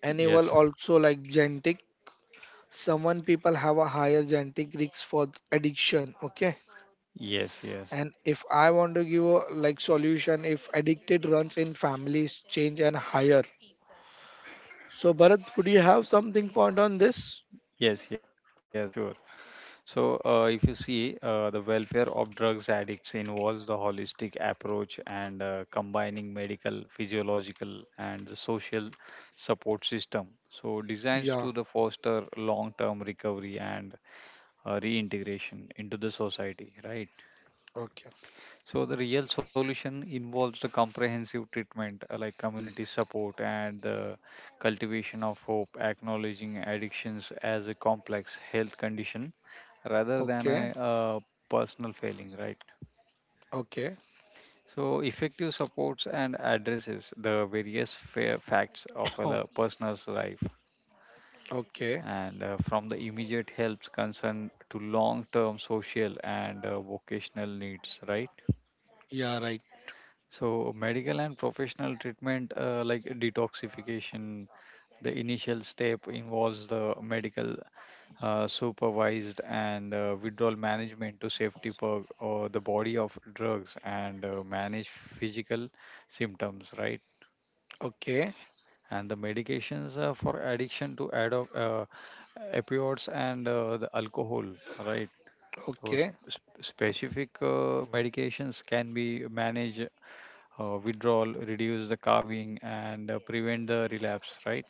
Enable yes, also like genetic. Someone people have a higher genetic risk for addiction. Okay. yes, yes, And if I want to give a like solution, if addicted runs in families, change and higher. So Bharat, would you have something point on this? yes, yes. Sure. So, if you see, the welfare of drugs addicts involves the holistic approach and combining medical, physiological, and the social support system. So, designs Yeah. to the foster long-term recovery and reintegration into the society, right? Okay. So the real solution involves the comprehensive treatment like community support and the cultivation of hope, acknowledging addictions as a complex health condition rather than Okay. a personal failing, right? Okay. So effective supports and addresses the various facts of a Oh, person's life Okay. and from the immediate helps concern to long-term social and vocational needs, right? Yeah. Right. So, medical and professional treatment, like detoxification, the initial step involves the medical supervised and withdrawal management to safety for or the body of drugs and manage physical symptoms, right? Okay. And the medications for addiction to add up opioids and the alcohol, right? So Okay. Specific medications can be managed withdrawal, reduce the carving, and prevent the relapse, right?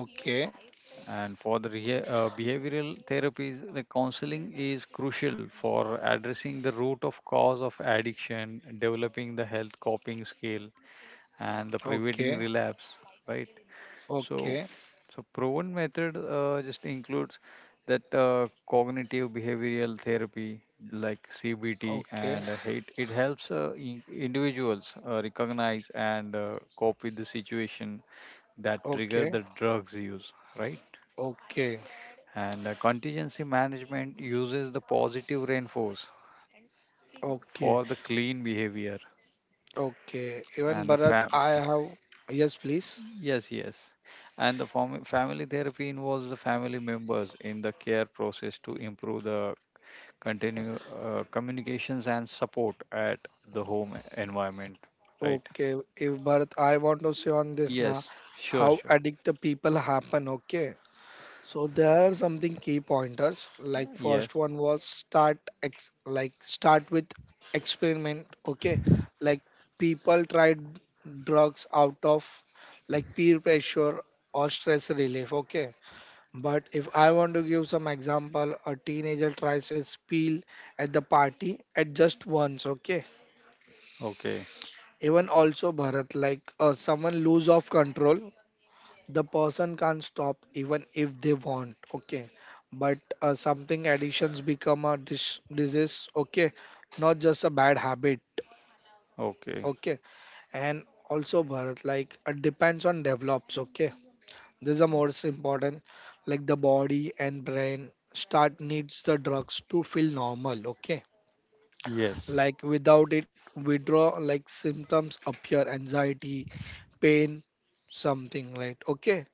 Okay. And for the behavioral therapies, the counseling is crucial for addressing the root of cause of addiction, developing the health coping skill, and the Okay. preventing relapse, right? So, Okay. so proven method just includes that cognitive behavioral therapy like CBT, Okay. and it helps individuals recognize and cope with the situation that trigger Okay. the drugs use, right? Okay. And contingency management uses the positive reinforce Okay, for the clean behavior, okay. Even and the Bharat, fa- I have. Yes, please. Yes, yes. And the family therapy involves the family members in the care process to improve the continue communications and support at the home environment, right? Okay, if Bharat, I want to say on this now Yes, sure, how sure. addict the people happen. Okay, so there are something key pointers. Like Yes. first one was start ex like start with experiment. Okay, like people tried drugs out of like peer pressure or stress relief. Okay. But if I want to give some example, a teenager tries a spiel at the party at just once, okay? Okay. Even also Bharat, like someone lose of control, the person can't stop even if they want, okay? But something addictions become a disease, okay? Not just a bad habit, Okay. okay? And also Bharat, like it depends on develops, okay? This is the most important, like the body and brain start needs the drugs to feel normal, okay. Yes. Like without it, withdraw like symptoms appear, anxiety, pain, something, right, okay.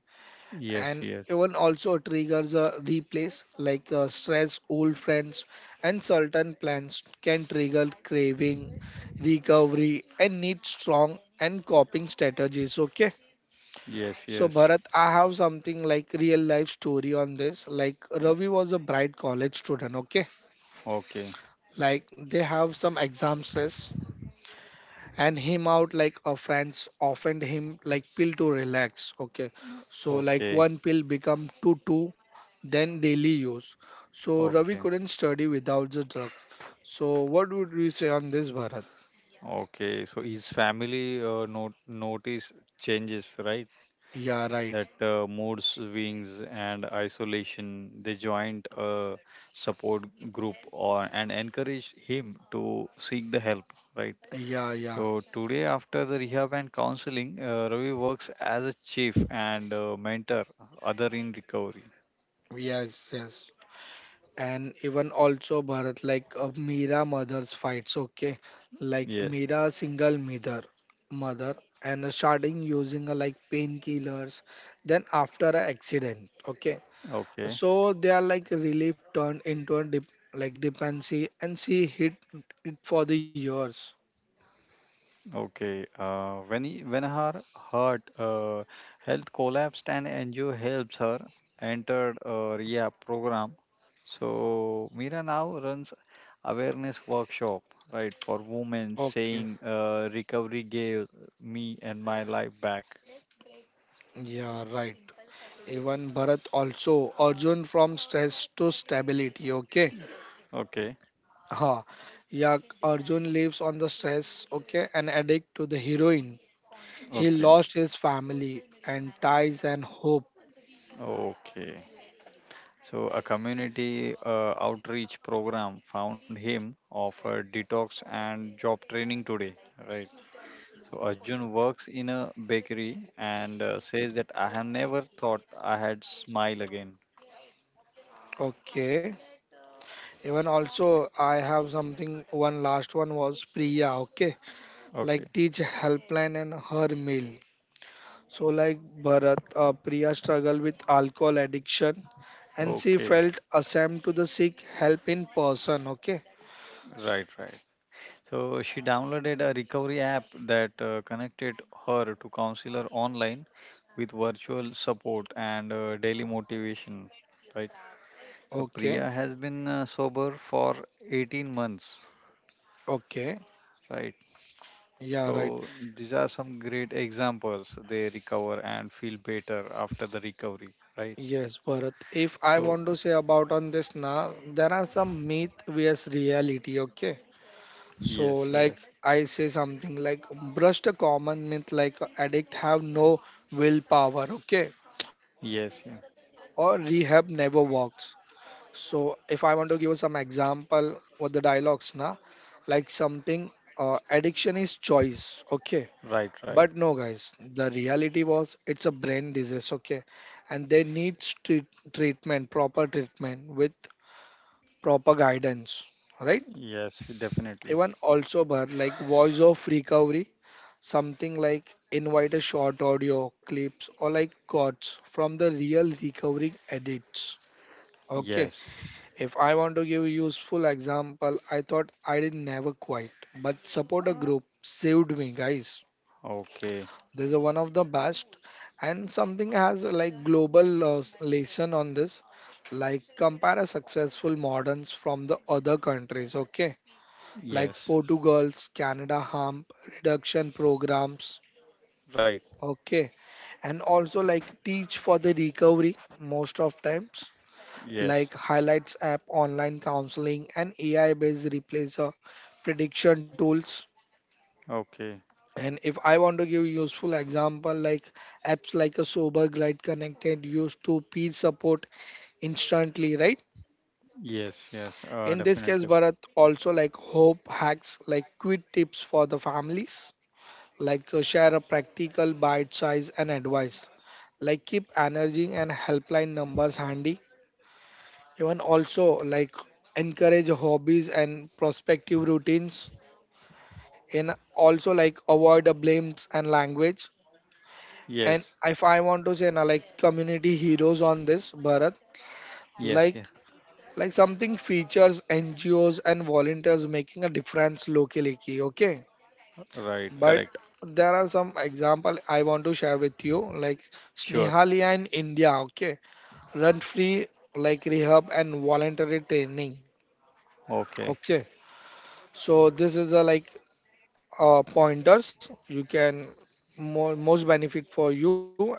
Yes, And yes. even also triggers a replace like stress, old friends, and certain plans can trigger craving, recovery and need strong and coping strategies, okay. Yes, So yes. Bharat, I have something like real life story on this. Like Ravi was a bright college student, okay? Okay. Like they have some exam stress and him out like a friends offered him like pill to relax, okay? So like Okay. one pill become two, then daily use. So Ravi Okay. couldn't study without the drugs. So what would you say on this Bharat? Okay. So his family not notice changes, right? Yeah, right. That mood swings and isolation. They joined a support group or and encouraged him to seek the help. Right. Yeah, yeah. So today, after the rehab and counseling, Ravi works as a chief and mentor other in recovery. Yes, yes. And even also Bharat, like Meera mother's fights, okay, like Yes. Meera single mother, and starting using like painkillers, then after an accident, okay, Okay. so they are like relief turned into a dip, like dependency, and she hid it for the years, Okay. When her heart health collapsed and NGO helps her entered a rehab program. So Mira now runs awareness workshop, right, for women okay, saying recovery gave me and my life back. yeah, right. Even Bharat also, Arjun from stress to stability, okay? Okay, Ha, yeah. Arjun lives on the stress, okay, and addict to the heroin. He okay, lost his family and ties and hope, okay. So, a community outreach program found him, offered detox and job training today, right? So, Arjun works in a bakery and says that I have never thought I had smile again. okay. Even also, I have something. One last one was Priya, okay, Okay, like teach helpline and her meal. So like Bharat, Priya struggled with alcohol addiction, and she okay, felt ashamed to the seek help in person, okay, right, right. So she downloaded a recovery app that connected her to counselor online with virtual support and daily motivation, right? So okay, Priya has been sober for 18 months, okay. right? Yeah, right. So these are some great examples. They recover and feel better after the recovery, right? Yes, Bharat. If I So want to say about on this now, there are some myth vs reality, okay? So yes, like yes, I say something like brushed a common myth like addict have no willpower, okay? Or yes, yeah. rehab never works. So if I want to give some example with the dialogues na, like something addiction is choice, okay? Right, But right. no, guys, the reality was it's a brain disease, okay? And they need treatment, proper treatment with proper guidance, right? Yes, definitely. Even also, but like voice of recovery, something like invite a short audio clips or like quotes from the real recovering addicts, okay. Yes. If I want to give a useful example, I thought I did never quite, but support a group saved me, guys. Okay. This is one of the best, and something has like global lesson on this, like compare a successful moderns from the other countries. Okay, like Yes. Portugal's Canada harm reduction programs. Right. Okay, and also like teach for the recovery most of times Yes. like highlights app online counseling and AI based replacer prediction tools. Okay. And if I want to give useful example, like apps like a Sober Glide Connected used to peer support instantly, right? Yes, yes, In this case, definitely. Bharat also like hope hacks, like quick tips for the families, like share a practical bite size and advice, like keep energy and helpline numbers handy. Even also like encourage hobbies and prospective routines, and also like avoid the blames and language. And Yes, if I want to say now, like community heroes on this Bharat, yes, yeah. like like something features NGOs and volunteers making a difference locally. Okay, Right, correct. but there are some example I want to share with you, like Sure. Snehalia in India. Okay, run free like rehab and voluntary training. Okay. Okay, so this is a like pointers you can more most benefit for you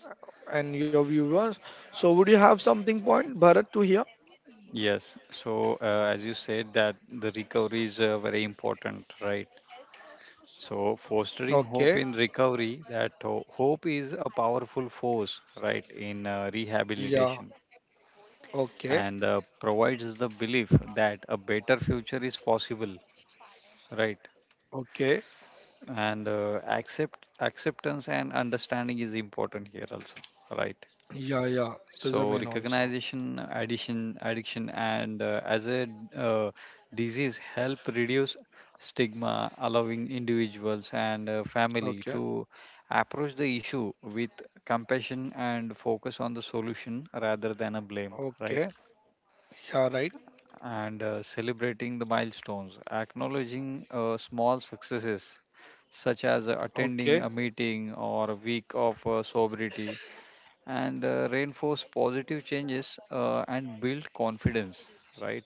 and your viewers. So would you have something point Bharat to hear? Yes. So, as you said, that the recovery is very important, right? So, fostering hope in Okay. recovery, that hope is a powerful force, right, in rehabilitation Yeah. and Okay. Provides the belief that a better future is possible, right? Okay. And acceptance and understanding is important here also, right? Yeah, yeah. So This is the main also. recognition, addiction, and as a uh, disease help reduce stigma, allowing individuals and family Okay. to approach the issue with compassion and focus on the solution rather than a blame, right? Okay. Yeah, right. And celebrating the milestones, acknowledging small successes such as attending a Okay. meeting or a week of sobriety and reinforce positive changes and build confidence, right?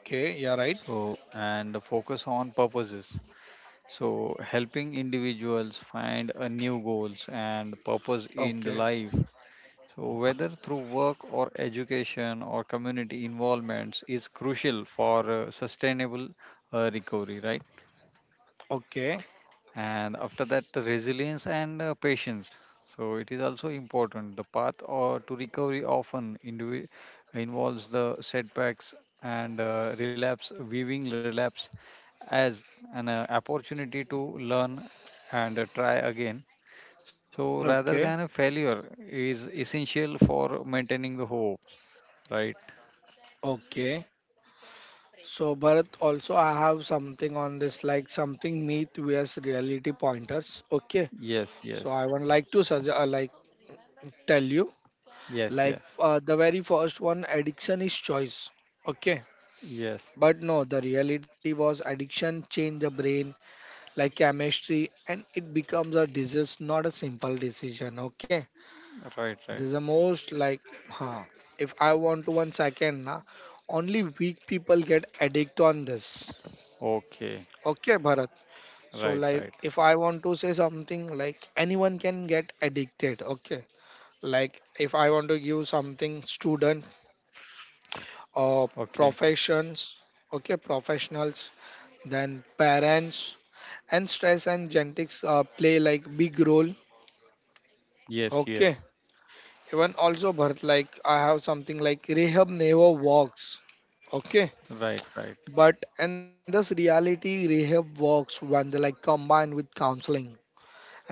Okay. Yeah, So right. and focus on purposes. So helping individuals find a new goals and purpose in the Okay. life, so whether through work or education or community involvements is crucial for sustainable recovery, right? Okay. And after that the resilience and patience, so it is also important. The path or to recovery often involves the setbacks and relapse, viewing relapse as an opportunity to learn and try again, so rather than a Okay. failure is essential for maintaining the hope, right? Okay. So Bharat, also I have something on this, like something myth vs reality pointers, okay. Yes, So I yes. would like to suggest like tell you, Yes, like yeah. The very first one addiction is choice, okay. Yes. But no, the reality was addiction change the brain like chemistry, and it becomes a disease, not a simple decision, okay. Right, This right. is the most like. huh if I want to one second na, only weak people get addict on this, Okay. okay, Bharat. So Right, like right. if I want to say something like anyone can get addicted, okay. Like if I want to give something student, uh, Okay. professions, okay, professionals, then parents, and stress and genetics play like big role. Yes, yes. Okay, even also Bharat, like I have something like rehab never works. Okay, Right, right, but in this reality, rehab works when they like combined with counseling.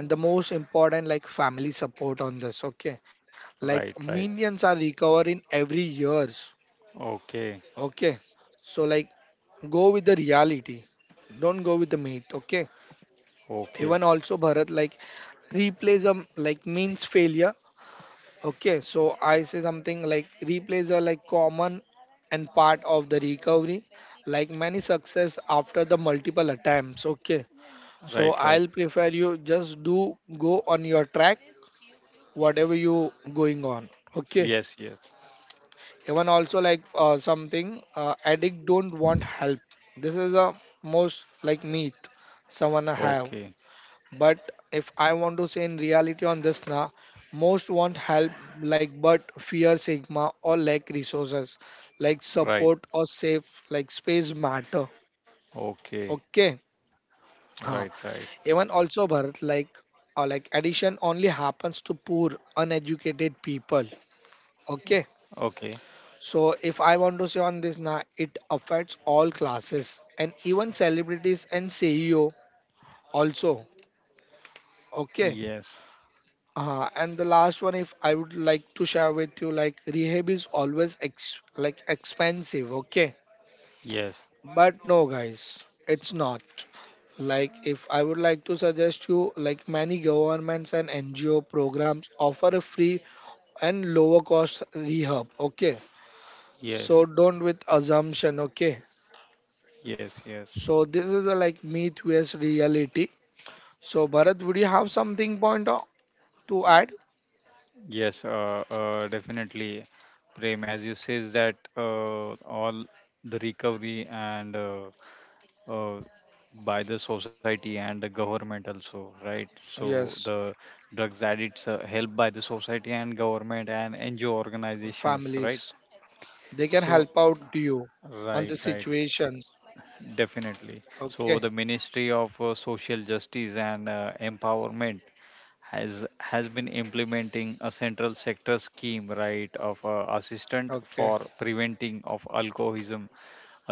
And the most important, like family support on this. Okay, right, like right. millions are recovering every year. Okay, Okay. So like go with the reality. Don't go with the myth. Okay. okay, Even also Bharat like replays a like means failure. Okay. So I say something like replays are like common and part of the recovery. Like many success after the multiple attempts. Okay. So right, right. I'll prefer you just do go on your track, whatever you going on. Okay. Yes, yes. Even also like something addict don't want help, this is a most like myth, someone have. Okay, But if I want to say in reality on this now, most want help, like but fear sigma or lack resources, like right, support or safe like space matter, okay. okay, huh. right, right. Even also Bharat, like addiction only happens to poor uneducated people, okay. Okay. So if I want to say on this now, it affects all classes and even celebrities and CEO also. Okay. Yes, And the last one, if I would like to share with you, like rehab is always like expensive. Okay. yes, But no, guys, it's not. Like if I would like to suggest you, like many governments and NGO programs offer a free and lower cost rehab. Okay. yes, So don't with assumption. Okay. yes, yes, So this is a like myth vs reality. So Bharat, would you have something point to add? yes. Definitely, Prem, as you says that all the recovery and uh, by the society and the government also, right? So Yes, the drugs addicts helped by the society and government and NGO organizations, right? families they can So help out to you on right, the right, situations. definitely. So Okay, the ministry of social justice and empowerment has been implementing a central sector scheme, right, of assistant okay, for preventing of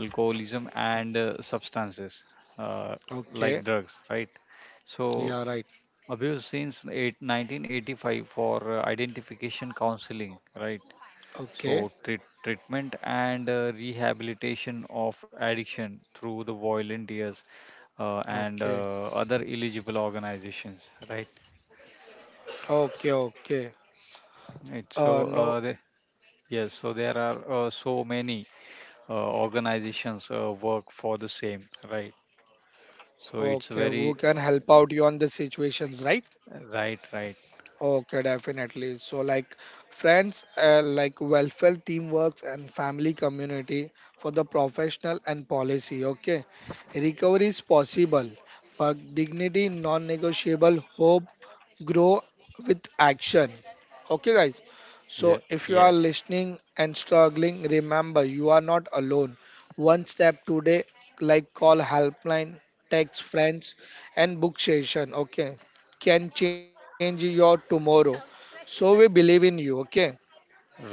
alcoholism and substances uh, okay. like drugs, right? So Yeah, right. abuse since 1985 for identification counseling, right? Okay, So treatment and rehabilitation of addiction through the volunteers and okay, other eligible organizations, right? okay, okay. Right. Uh, So no. Yes, so there are so many organizations work for the same, right? So Okay, it's who can very. help out you on the situations, right? Right, right. Okay, definitely. So, like friends, like welfare, teamwork, and family community for the professional and policy. Okay, recovery is possible, but dignity non-negotiable. Hope grow with action. Okay, guys. Yeah, So, if you yes, are listening and struggling, remember you are not alone. One step today, like call helpline, text friends, and book session. Okay, can change your tomorrow. So, we believe in you. Okay,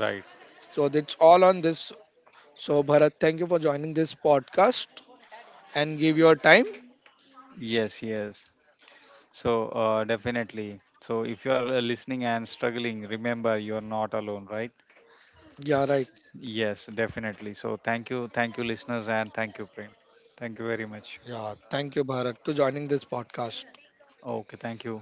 right. so that's all on this. So, Bharat, thank you for joining this podcast and give your time. Yes, yes. So, definitely. So, if you are listening and struggling, remember you are not alone, right? Yeah, right. Yes, definitely. So, thank you, listeners, and thank you, Prem. Thank you very Yeah, much. thank you, Bharat, to joining this podcast. Okay, thank you.